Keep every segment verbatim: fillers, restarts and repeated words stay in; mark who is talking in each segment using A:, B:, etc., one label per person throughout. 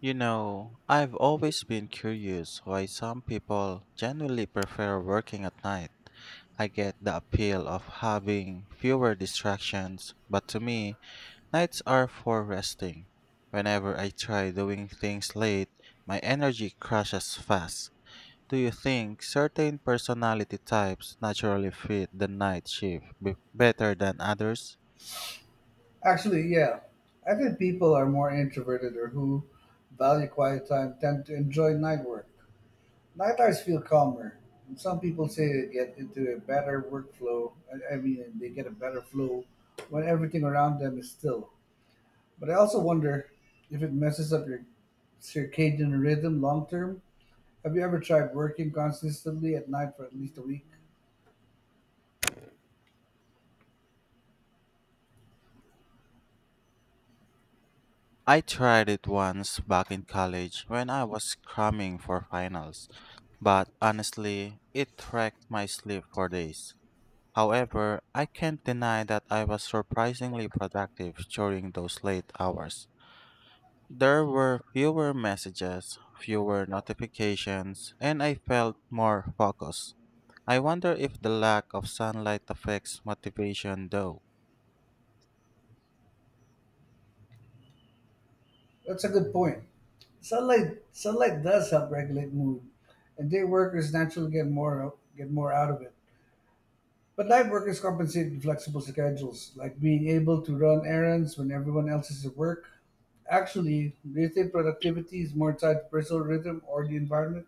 A: You know, I've always been curious why some people genuinely prefer working at night. I get the appeal of having fewer distractions, but to me, nights are for resting. Whenever I try doing things late, my energy crashes fast. Do you think certain personality types naturally fit the night shift be- better than others?
B: Actually, yeah. I think people are more introverted or who value quiet time tend to enjoy night work. Night hours feel calmer. And some people say they get into a better workflow. I, I mean, they get a better flow when everything around them is still. But I also wonder if it messes up your circadian rhythm long term. Have you ever tried working consistently at night for at least a week?
A: I tried it once back in college when I was cramming for finals, but honestly, it wrecked my sleep for days. However, I can't deny that I was surprisingly productive during those late hours. There were fewer messages, fewer notifications, and I felt more focused. I wonder if the lack of sunlight affects motivation though.
B: That's a good point. Sunlight sunlight does help regulate mood, and day workers naturally get more get more out of it. But night workers compensate with flexible schedules, like being able to run errands when everyone else is at work. Actually, do you think productivity is more tied to personal rhythm or the environment?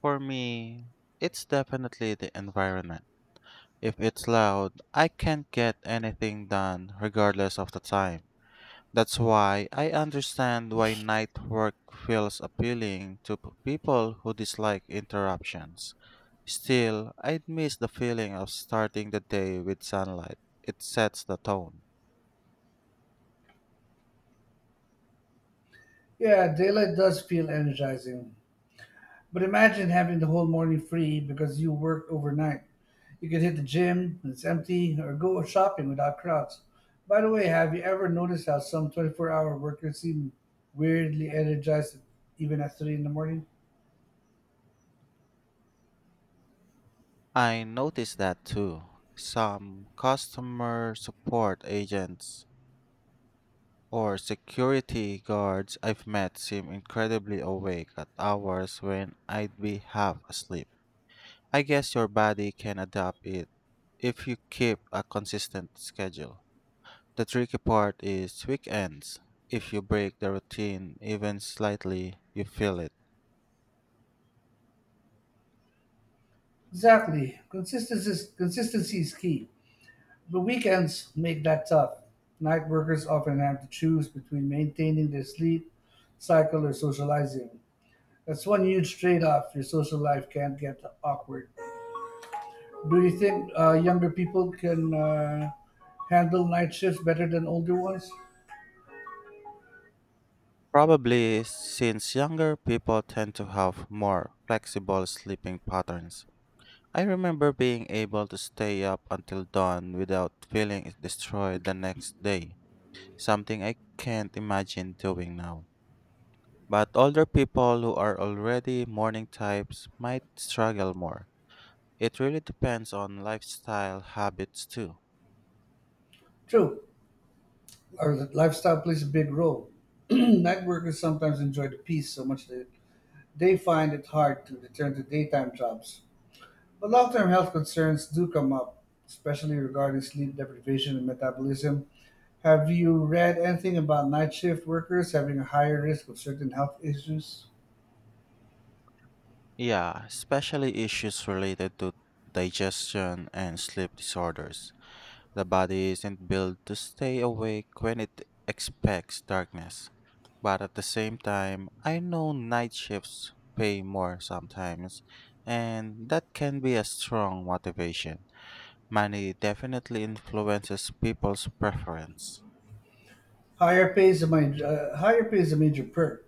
A: For me, it's definitely the environment. If it's loud, I can't get anything done regardless of the time. That's why I understand why night work feels appealing to p- people who dislike interruptions. Still, I'd miss the feeling of starting the day with sunlight. It sets the tone.
B: Yeah, daylight does feel energizing. But imagine having the whole morning free because you worked overnight. You can hit the gym when it's empty or go shopping without crowds. By the way, have you ever noticed how some twenty-four hour workers seem weirdly energized even at three in the morning?
A: I noticed that too. Some customer support agents or security guards I've met seem incredibly awake at hours when I'd be half asleep. I guess your body can adapt it if you keep a consistent schedule. The tricky part is weekends. If you break the routine even slightly, you feel it.
B: Exactly. Consistency, consistency is key. But weekends make that tough. Night workers often have to choose between maintaining their sleep cycle or socializing. That's one huge trade off your social life can't get awkward. Do you think uh, younger people can uh, handle night shifts better than older ones?
A: Probably since younger people tend to have more flexible sleeping patterns. I remember being able to stay up until dawn without feeling destroyed the next day, something I can't imagine doing now. But older people who are already morning types might struggle more. It really depends on lifestyle habits too.
B: True. Our lifestyle plays a big role. Night workers sometimes enjoy the peace so much that they find it hard to return to daytime jobs. But long term health concerns do come up, especially regarding sleep deprivation and metabolism. Have you read anything about night shift workers having a higher risk of certain health issues?
A: Yeah, especially issues related to digestion and sleep disorders. The body isn't built to stay awake when it expects darkness. But at the same time, I know night shifts pay more sometimes, and that can be a strong motivation. Money definitely influences people's preference.
B: Higher pay is a, ma- uh, higher pay is a major perk.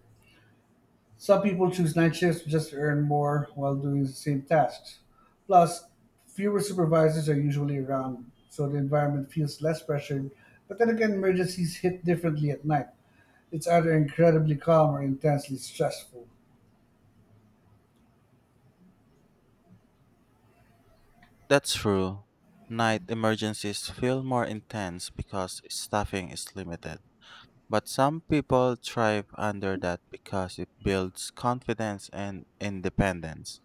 B: Some people choose night shifts just to earn more while doing the same tasks. Plus, fewer supervisors are usually around, so the environment feels less pressured. But then again, emergencies hit differently at night. It's either incredibly calm or intensely stressful.
A: That's true. Night emergencies feel more intense because staffing is limited. But some people thrive under that because it builds confidence and independence.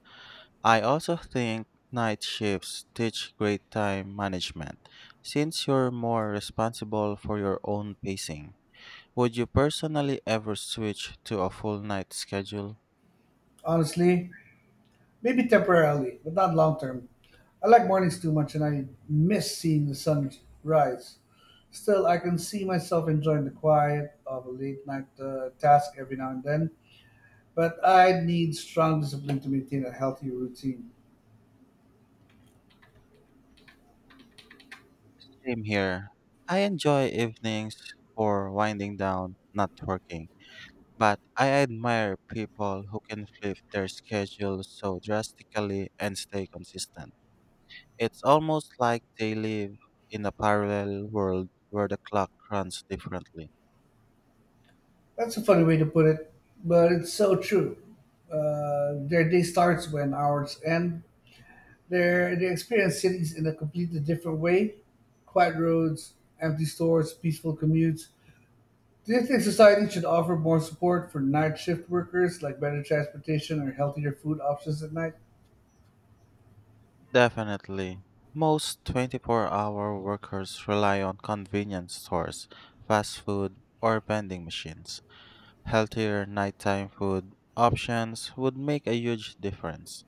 A: I also think night shifts teach great time management since you're more responsible for your own pacing. Would you personally ever switch to a full night schedule?
B: Honestly, maybe temporarily, but not long term. I like mornings too much and I miss seeing the sun rise. Still, I can see myself enjoying the quiet of a late night uh, task every now and then, but I need strong discipline to maintain a healthy routine.
A: Same here. I enjoy evenings for winding down, not working. But I admire people who can flip their schedule so drastically and stay consistent. It's almost like they live in a parallel world where the clock runs differently.
B: That's a funny way to put it, but it's so true. Uh, their day starts when ours end. Their They experience cities in a completely different way. Quiet roads, empty stores, peaceful commutes. Do you think society should offer more support for night shift workers, like better transportation or healthier food options at night?
A: Definitely. Most twenty-four-hour workers rely on convenience stores, fast food, or vending machines. Healthier nighttime food options would make a huge difference.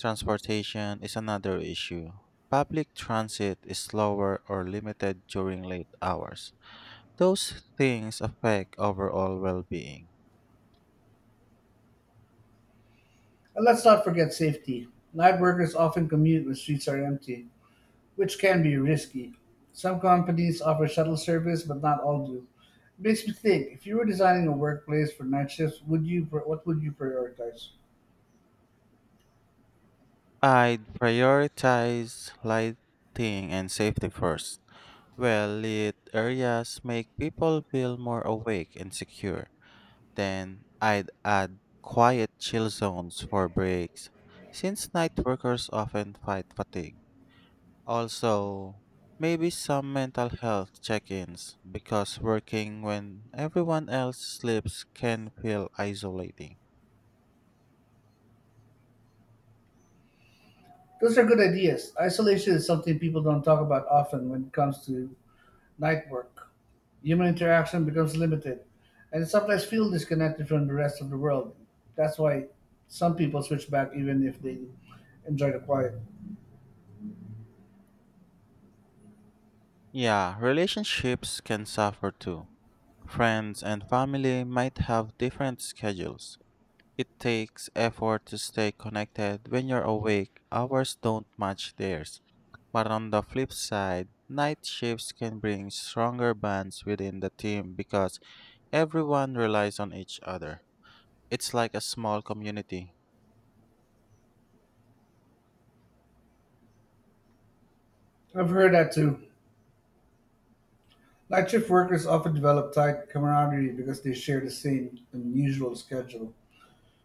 A: Transportation is another issue. Public transit is slower or limited during late hours. Those things affect overall well being.
B: And let's not forget safety. Night workers often commute when streets are empty, which can be risky. Some companies offer shuttle service, but not all do. It makes me think: if you were designing a workplace for night shifts, would you pr- what would you prioritize?
A: I'd prioritize lighting and safety first. Well lit areas make people feel more awake and secure. Then I'd add quiet chill zones for breaks, since night workers often fight fatigue. Also, maybe some mental health check ins because working when everyone else sleeps can feel isolating.
B: Those are good ideas. Isolation is something people don't talk about often when it comes to night work. Human interaction becomes limited, and sometimes feel disconnected from the rest of the world. That's why some people switch back even if they enjoy the quiet.
A: Yeah, relationships can suffer too. Friends and family might have different schedules. It takes effort to stay connected when you're awake, hours don't match theirs. But on the flip side, night shifts can bring stronger bonds within the team because everyone relies on each other. It's like a small community.
B: I've heard that too. Night shift workers often develop tight camaraderie because they share the same unusual schedule.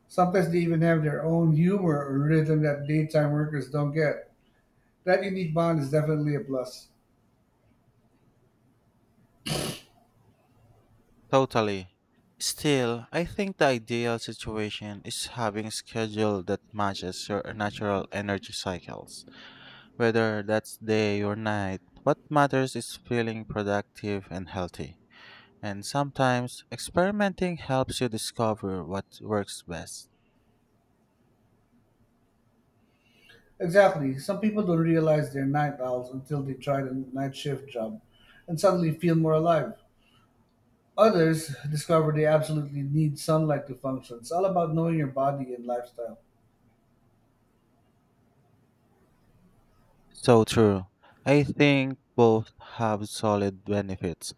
B: Sometimes they even have their own humor or rhythm that daytime workers don't get. That unique bond is definitely a plus.
A: Totally. Still, I think the ideal situation is having a schedule that matches your natural energy cycles, whether that's day or night. What matters is feeling productive and healthy. And sometimes experimenting helps you discover what works best.
B: Exactly. Some people don't realize they're night owls until they try the night shift job and suddenly feel more alive. Others discover they absolutely need sunlight to function. It's all about knowing your body and lifestyle.
A: So true. I think both have solid benefits.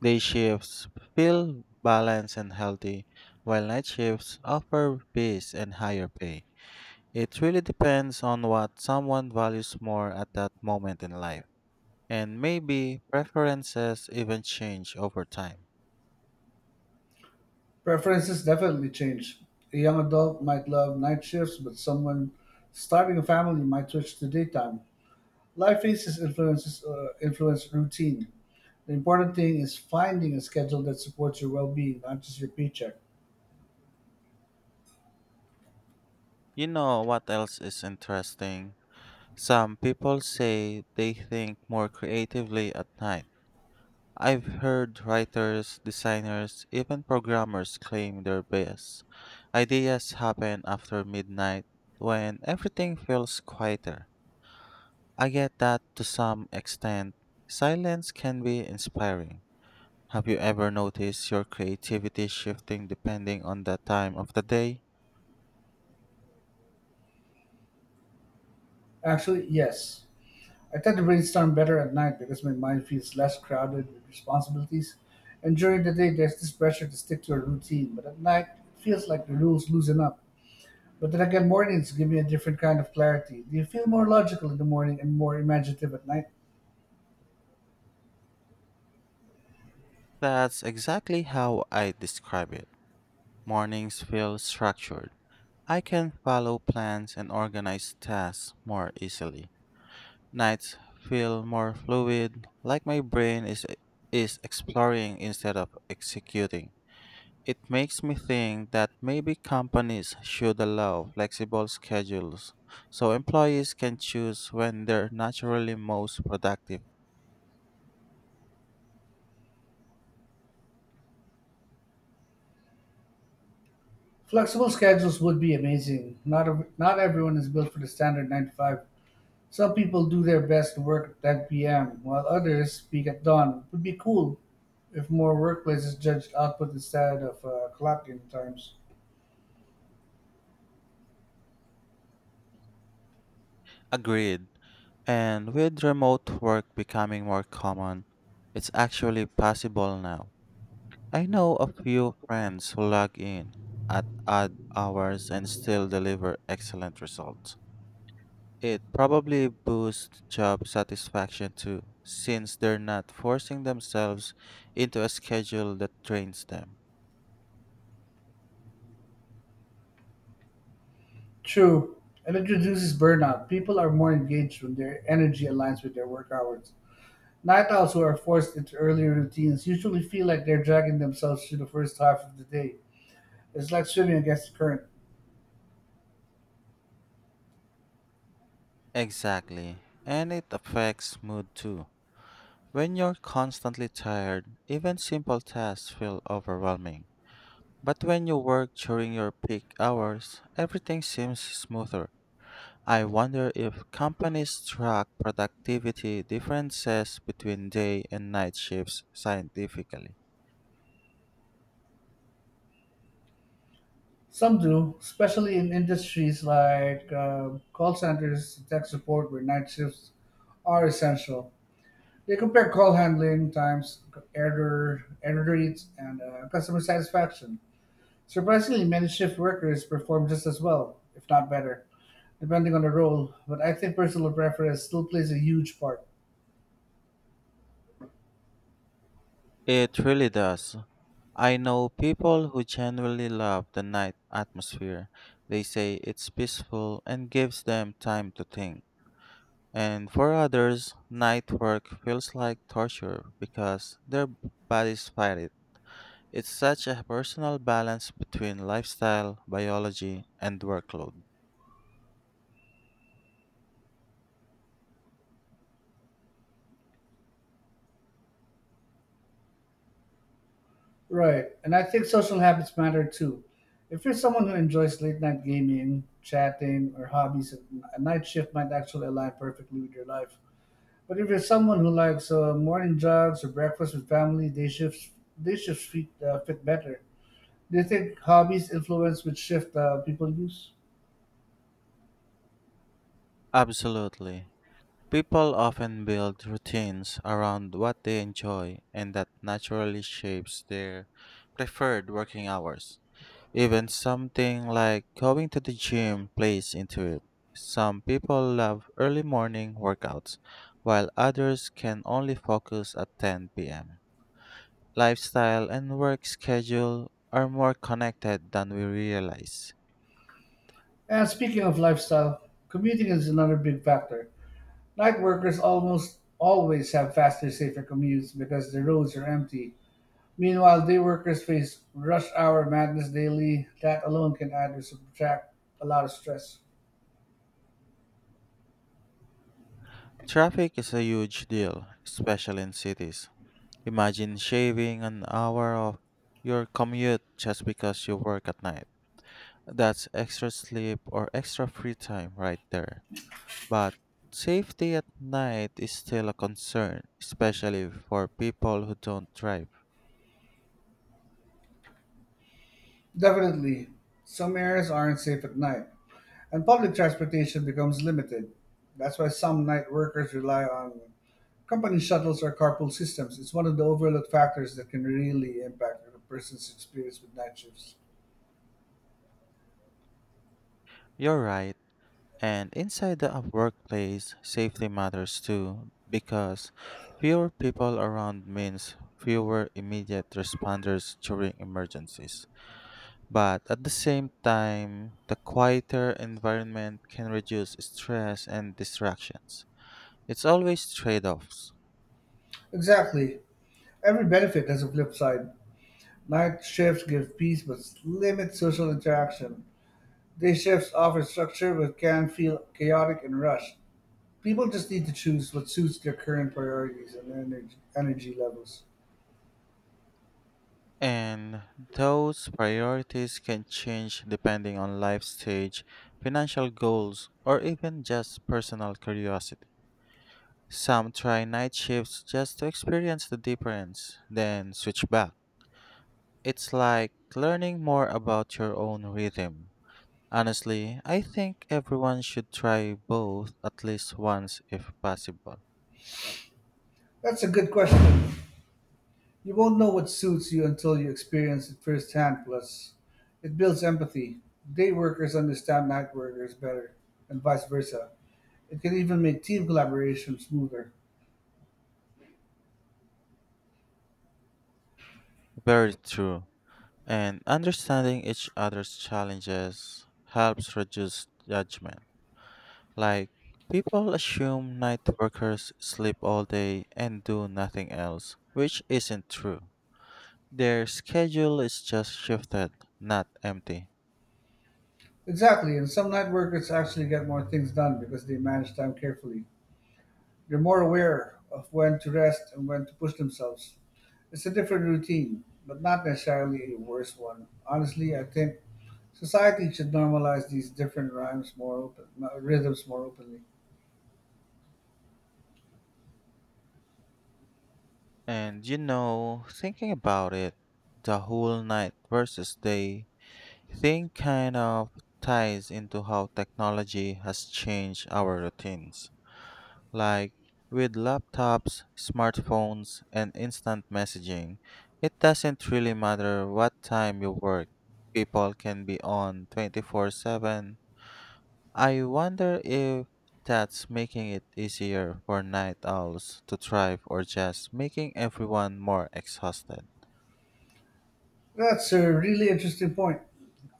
A: Day shifts feel balanced and healthy, while night shifts offer peace and higher pay. It really depends on what someone values more at that moment in life, and maybe preferences even change over time.
B: Preferences definitely change. A young adult might love night shifts, but someone starting a family might switch to daytime. Life phases influences uh, influence routine. The important thing is finding a schedule that supports your well-being, not just your paycheck.
A: You know what else is interesting? Some people say they think more creatively at night. I've heard writers, designers, even programmers claim their best ideas happen after midnight when everything feels quieter. I get that to some extent. Silence can be inspiring. Have you ever noticed your creativity shifting depending on the time of the day?
B: Actually, yes. I tend to brainstorm better at night because my mind feels less crowded with responsibilities. And during the day, there's this pressure to stick to a routine, but at night, it feels like the rules loosen up. But then again, mornings give me a different kind of clarity. Do you feel more logical in the morning and more imaginative at night?
A: That's exactly how I describe it. Mornings feel structured. I can follow plans and organize tasks more easily. Nights feel more fluid, like my brain is is exploring instead of executing. It makes me think that maybe companies should allow flexible schedules so employees can choose when they're naturally most productive.
B: Flexible schedules would be amazing. Not ev- not everyone is built for the standard nine to five. Some people do their best to work at ten p m, while others peak at dawn. It would be cool if more workplaces judged output instead of uh, clock times.
A: Agreed. And with remote work becoming more common, it's actually possible now. I know a few friends who log in at odd hours and still deliver excellent results. It probably boosts job satisfaction too, since they're not forcing themselves into a schedule that drains them.
B: True, and it reduces burnout. People are more engaged when their energy aligns with their work hours. Night owls who are forced into earlier routines usually feel like they're dragging themselves through the first half of the day. It's like swimming against the current.
A: Exactly. And it affects mood too. When you're constantly tired, even simple tasks feel overwhelming. But when you work during your peak hours, everything seems smoother. I wonder if companies track productivity differences between day and night shifts scientifically.
B: Some do, especially in industries like um call centers, tech support, where night shifts are essential. They compare call handling times, error, error rates, and uh, customer satisfaction. Surprisingly, many shift workers perform just as well, if not better, depending on the role, but I think personal preference still plays a huge part.
A: It really does. I know people who genuinely love the night atmosphere. They say it's peaceful and gives them time to think. And for others, night work feels like torture because their b- bodies fight it. It's such a personal balance between lifestyle, biology, and workload.
B: Right. And I think social habits matter too. If you're someone who enjoys late night gaming, chatting, or hobbies, a night shift might actually align perfectly with your life. But if you're someone who likes uh, morning jogs or breakfast with family, day shifts day shifts fit, uh, fit better. Do you think hobbies influence which shift uh, people use?
A: Absolutely. People often build routines around what they enjoy, and that naturally shapes their preferred working hours. Even something like going to the gym plays into it. Some people love early morning workouts, while others can only focus at ten p m. Lifestyle and work schedule are more connected than we realize.
B: And speaking of lifestyle, commuting is another big factor. Night workers almost always have faster, safer commutes because the roads are empty. Meanwhile, day workers face rush hour madness daily. That alone can add or subtract a lot of stress.
A: Traffic is a huge deal, especially in cities. Imagine shaving an hour of your commute just because you work at night. That's extra sleep or extra free time right there. But safety at night is still a concern, especially for people who don't drive.
B: Definitely, some areas aren't safe at night, and public transportation becomes limited. That's why some night workers rely on company shuttles or carpool systems. It's one of the overlooked factors that can really impact a person's experience with night shifts.
A: You're right. And inside the workplace, safety matters too because fewer people around means fewer immediate responders during emergencies. But at the same time, the quieter environment can reduce stress and distractions. It's always trade offs.
B: Exactly. Every benefit has a flip side. Night shifts give peace but limit social interaction. These shifts offer structure but can feel chaotic and rushed. People just need to choose what suits their current priorities and energy, energy levels.
A: And those priorities can change depending on life stage, financial goals, or even just personal curiosity. Some try night shifts just to experience the difference, then switch back. It's like learning more about your own rhythm. Honestly, I think everyone should try both at least once if possible.
B: That's a good question. You won't know what suits you until you experience it firsthand, plus, it builds empathy. Day workers understand night workers better, and vice versa. It can even make team collaboration smoother.
A: Very true. And understanding each other's challenges helps reduce judgment. Like, people assume night workers sleep all day and do nothing else, which isn't true. Their schedule is just shifted, not empty.
B: Exactly, and some night workers actually get more things done because they manage time carefully. They're more aware of when to rest and when to push themselves. It's a different routine, but not necessarily a worse one. Honestly, I think society should normalize these different rhymes more open, uh, rhythms more openly.
A: And you know, thinking about it, the whole night versus day thing kind of ties into how technology has changed our routines. Like, with laptops, smartphones, and instant messaging, it doesn't really matter what time you work. People can be on twenty-four seven. I wonder if that's making it easier for night owls to thrive or just making everyone more exhausted.
B: That's a really interesting point.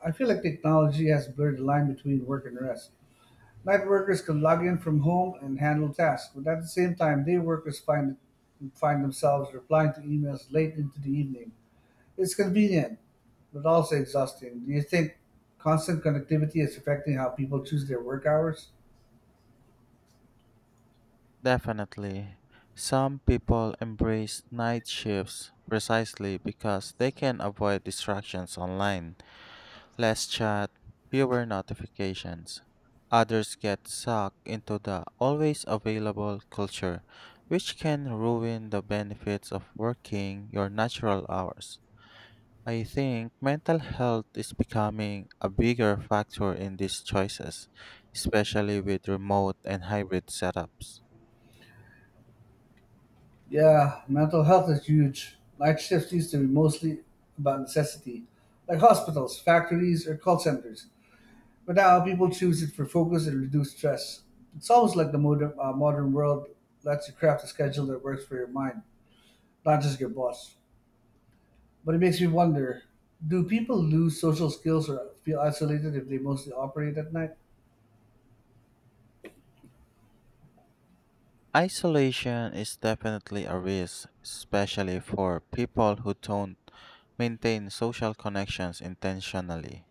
B: I feel like technology has blurred the line between work and rest. Night workers can log in from home and handle tasks, but at the same time, day workers find find themselves replying to emails late into the evening. It's convenient, but also exhausting. Do you think constant connectivity is affecting how people choose their work hours?
A: Definitely. Some people embrace night shifts precisely because they can avoid distractions online. Less chat, fewer notifications. Others get sucked into the always available culture, which can ruin the benefits of working your natural hours. I think mental health is becoming a bigger factor in these choices, especially with remote and hybrid setups.
B: Yeah, mental health is huge. Night shifts used to be mostly about necessity, like hospitals, factories, or call centers. But now people choose it for focus and reduced stress. It's almost like the modern, uh, modern world lets you craft a schedule that works for your mind, not just your boss. But it makes me wonder, do people lose social skills or feel isolated if they mostly operate at night?
A: Isolation is definitely a risk, especially for people who don't maintain social connections intentionally,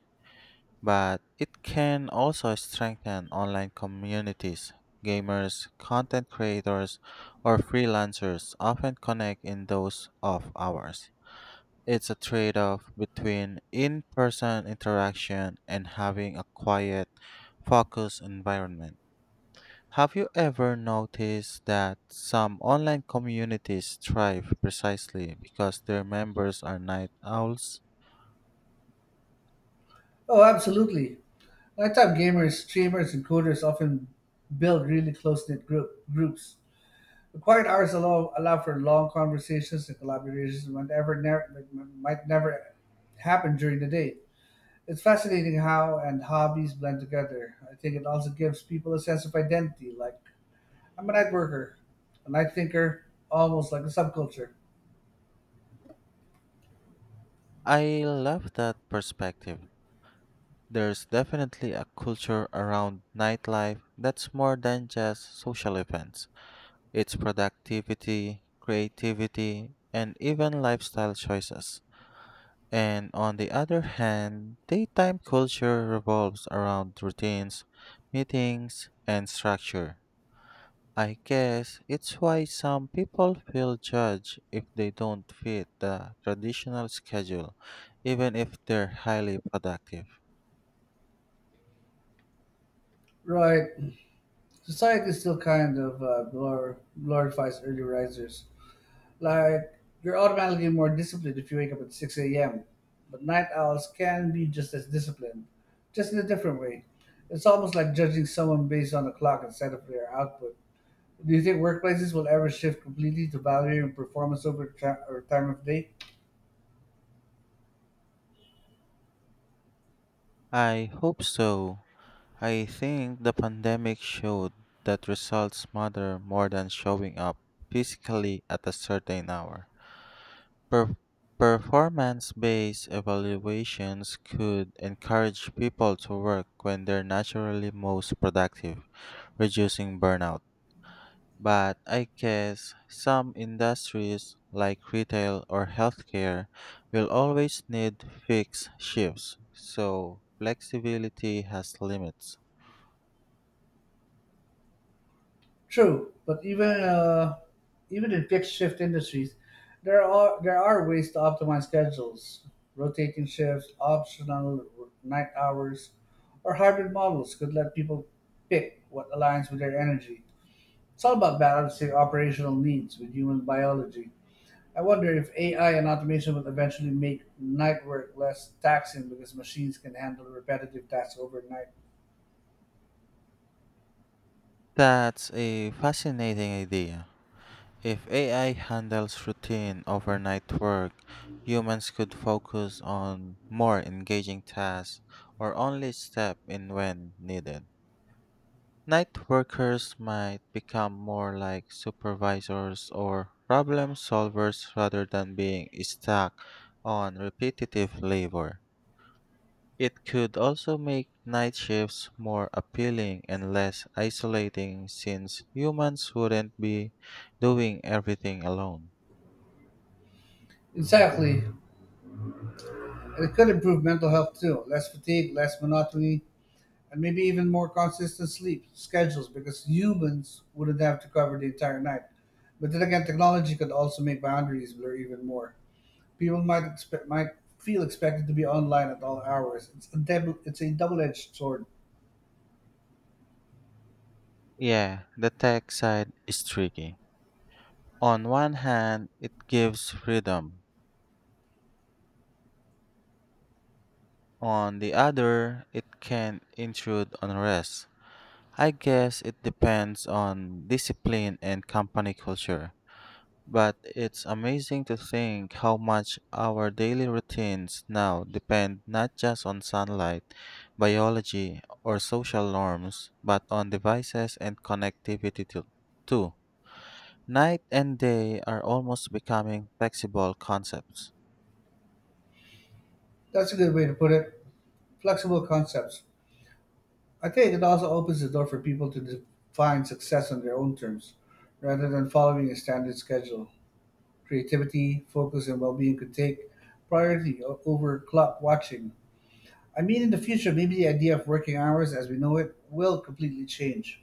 A: but it can also strengthen online communities. Gamers, content creators, or freelancers often connect in those off hours. It's a trade off between in person interaction and having a quiet, focused environment. Have you ever noticed that some online communities thrive precisely because their members are night owls?
B: Oh, absolutely. Nighttime gamers, streamers, and coders often build really close knit group, groups The quiet hours allow, allow for long conversations and collaborations that might never, never, might never happen during the day. It's fascinating how and hobbies blend together. I think it also gives people a sense of identity. Like, I'm a night worker, a night thinker, almost like a subculture.
A: I love that perspective. There's definitely a culture around nightlife that's more than just social events. It's productivity, creativity, and even lifestyle choices. And on the other hand, daytime culture revolves around routines, meetings, and structure. I guess it's why some people feel judged if they don't fit the traditional schedule, even if they're highly productive.
B: Right. Society still kind of uh, glor- glorifies early risers. Like, you're automatically more disciplined if you wake up at six a m, but night owls can be just as disciplined, just in a different way. It's almost like judging someone based on the clock instead of their output. Do you think workplaces will ever shift completely to value and performance over tra- or time of day?
A: I hope so. I think the pandemic showed that results matter more than showing up physically at a certain hour. Per- performance based evaluations could encourage people to work when they're naturally most productive, reducing burnout. But I guess some industries, like retail or healthcare, will always need fixed shifts, so flexibility has limits.
B: True, but even uh, even in fixed shift industries, there are there are ways to optimize schedules. Rotating shifts, optional night hours, or hybrid models could let people pick what aligns with their energy. It's all about balancing operational needs with human biology. I wonder if A I and automation will eventually make night work less taxing because machines can handle repetitive tasks overnight.
A: That's a fascinating idea. If A I handles routine overnight work, humans could focus on more engaging tasks or only step in when needed. Night workers might become more like supervisors or problem solvers rather than being stuck on repetitive labor. It could also make night shifts more appealing and less isolating since humans wouldn't be doing everything alone.
B: Exactly. And it could improve mental health too. Less fatigue, less monotony, and maybe even more consistent sleep schedules because humans wouldn't have to cover the entire night. But then again, technology could also make boundaries blur even more. People might expect might feel expected to be online at all hours. It's a double it's a double edged sword.
A: Yeah, the tech side is tricky. On one hand, it gives freedom. On the other, it can intrude on rest. I guess it depends on discipline and company culture. But it's amazing to think how much our daily routines now depend not just on sunlight, biology, or social norms, but on devices and connectivity to- too. Night and day are almost becoming flexible concepts.
B: That's a good way to put it. Flexible concepts. I think it also opens the door for people to define success on their own terms, rather than following a standard schedule. Creativity, focus, and well being could take priority o- over clock watching. I mean, in the future, maybe the idea of working hours as we know it will completely change.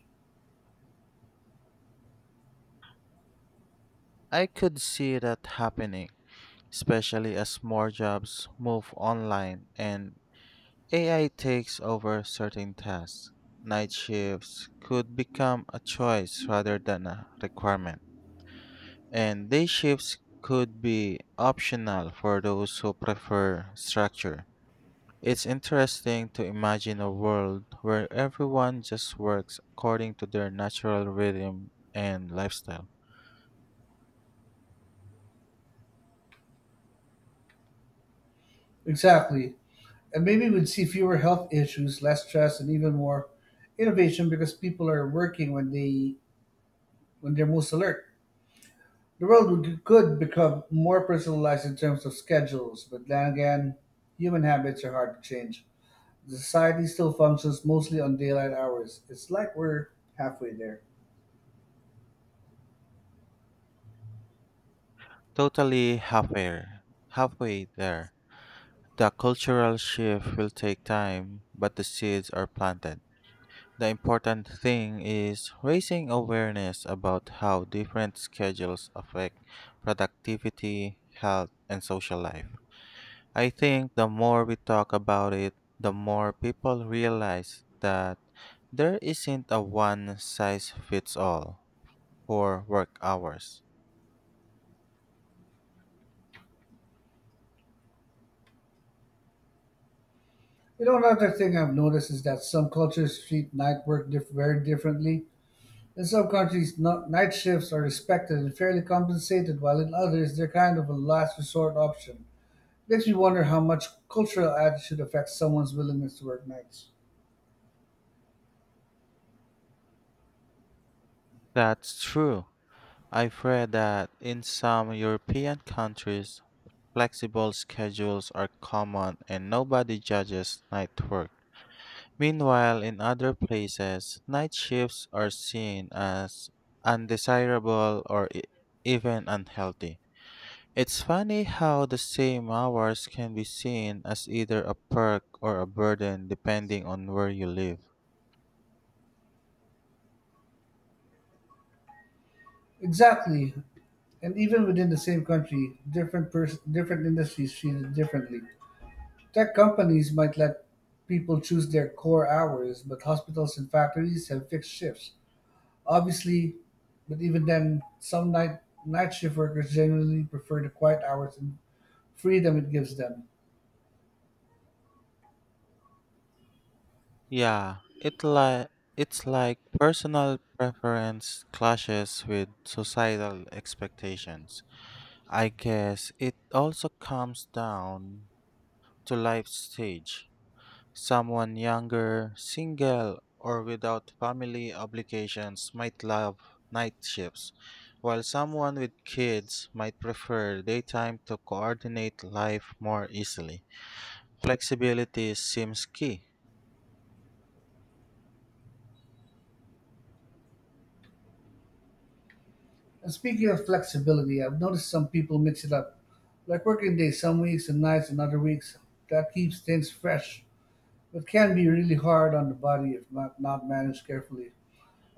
A: I could see that happening, especially as more jobs move online and A I takes over certain tasks. Night shifts could become a choice rather than a requirement, and day shifts could be optional for those who prefer structure. It's interesting to imagine a world where everyone just works according to their natural rhythm and lifestyle.
B: Exactly. And maybe we'd see fewer health issues, less stress, and even more innovation because people are working when they when they're most alert. The world would, could become more personalized in terms of schedules, but then again, human habits are hard to change. The society still functions mostly on daylight hours. It's like we're halfway there.
A: Totally halfway, halfway there. The cultural shift will take time, but the seeds are planted. The important thing is raising awareness about how different schedules affect productivity, health, and social life. I think the more we talk about it, the more people realize that there isn't a one size fits all for work hours.
B: You know, another thing I've noticed is that some cultures treat night work diff- very differently. In some countries, no- night shifts are respected and fairly compensated, while in others, they're kind of a last resort option. Makes me wonder how much cultural attitude affects someone's willingness to work nights.
A: That's true. I've read that in some European countries, flexible schedules are common and nobody judges night work. Meanwhile, in other places, night shifts are seen as undesirable or e- even unhealthy. It's funny how the same hours can be seen as either a perk or a burden depending on where you live.
B: Exactly. And even within the same country, different pers- different industries treat it differently. Tech companies might let people choose their core hours, but hospitals and factories have fixed shifts. Obviously, but even then, some night night shift workers generally prefer the quiet hours and freedom it gives them.
A: Yeah, it li- it's like personal preference clashes with societal expectations. I guess it also comes down to life stage. Someone younger, single, or without family obligations might love night shifts, while someone with kids might prefer daytime to coordinate life more easily. Flexibility seems key.
B: And speaking of flexibility, I've noticed some people mix it up, like working days some weeks and nights and other weeks. That keeps things fresh, but can be really hard on the body if not, not managed carefully.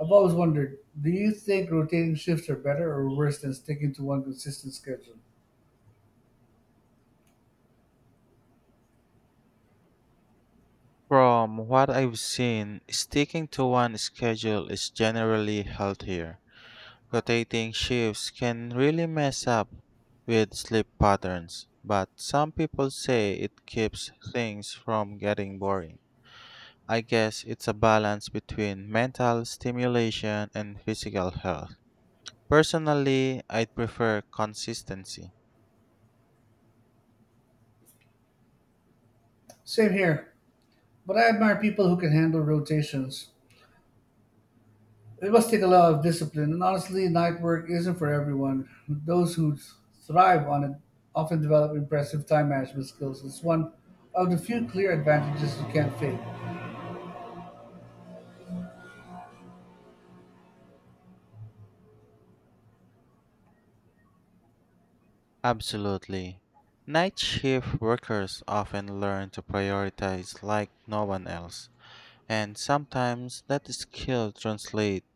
B: I've always wondered, do you think rotating shifts are better or worse than sticking to one consistent schedule?
A: From what I've seen, sticking to one schedule is generally healthier. Rotating shifts can really mess up with sleep patterns, but some people say it keeps things from getting boring. I guess it's a balance between mental stimulation and physical health. Personally, I'd prefer consistency.
B: Same here, but I admire people who can handle rotations. It must take a lot of discipline, and honestly, night work isn't for everyone. Those who thrive on it often develop impressive time management skills. It's one of the few clear advantages you can't fake.
A: Absolutely. Night shift workers often learn to prioritize like no one else, and sometimes that skill translates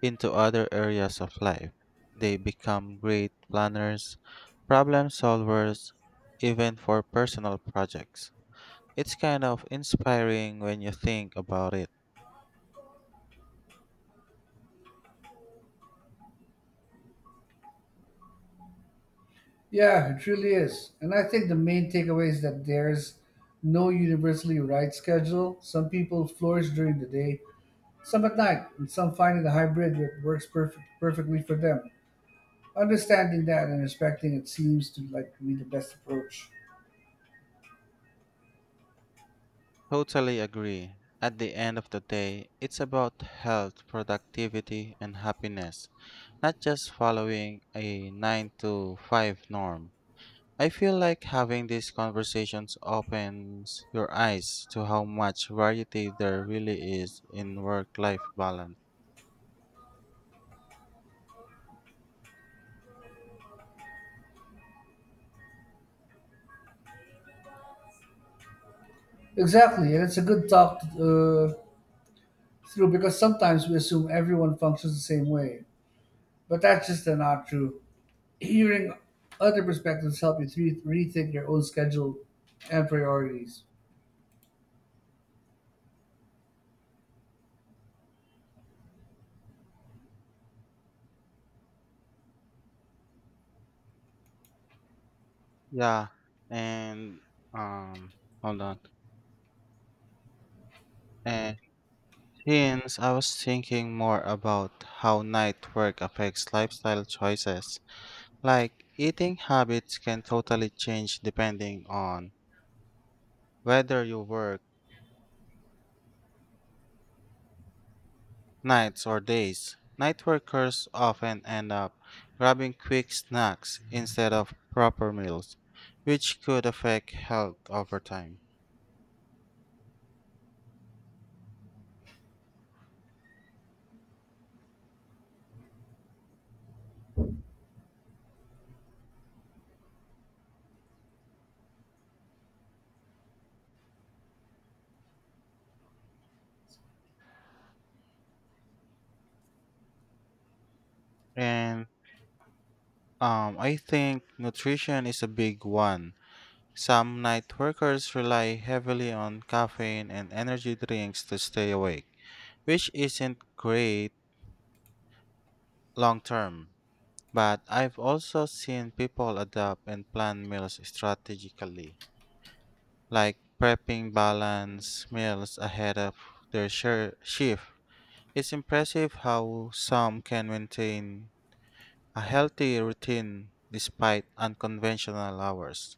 A: into other areas of life. They become great planners, problem solvers, even for personal projects. It's kind of inspiring when you think about it.
B: Yeah, it truly is. And I think the main takeaway is that there's no universally right schedule. Some people flourish during the day, some at night, and some find a hybrid that works perfect, perfectly for them. Understanding that and respecting it seems to like be the best approach.
A: Totally agree. At the end of the day, it's about health, productivity, and happiness, not just following a nine to five norm. I feel like having these conversations opens your eyes to how much variety there really is in work life balance.
B: Exactly, and it's a good talk uh, true because sometimes we assume everyone functions the same way, but that's just uh, not true. Hearing other perspectives help you to rethink your own schedule and priorities.
A: Yeah, and um, hold on. And since I was thinking more about how night work affects lifestyle choices, like eating habits can totally change depending on whether you work nights or days. Night workers often end up grabbing quick snacks instead of proper meals, which could affect health over time. And um, I think nutrition is a big one. Some night workers rely heavily on caffeine and energy drinks to stay awake, which isn't great long term. But I've also seen people adapt and plan meals strategically, like prepping balanced meals ahead of their shir- shift. It's impressive how some can maintain a healthy routine despite unconventional hours.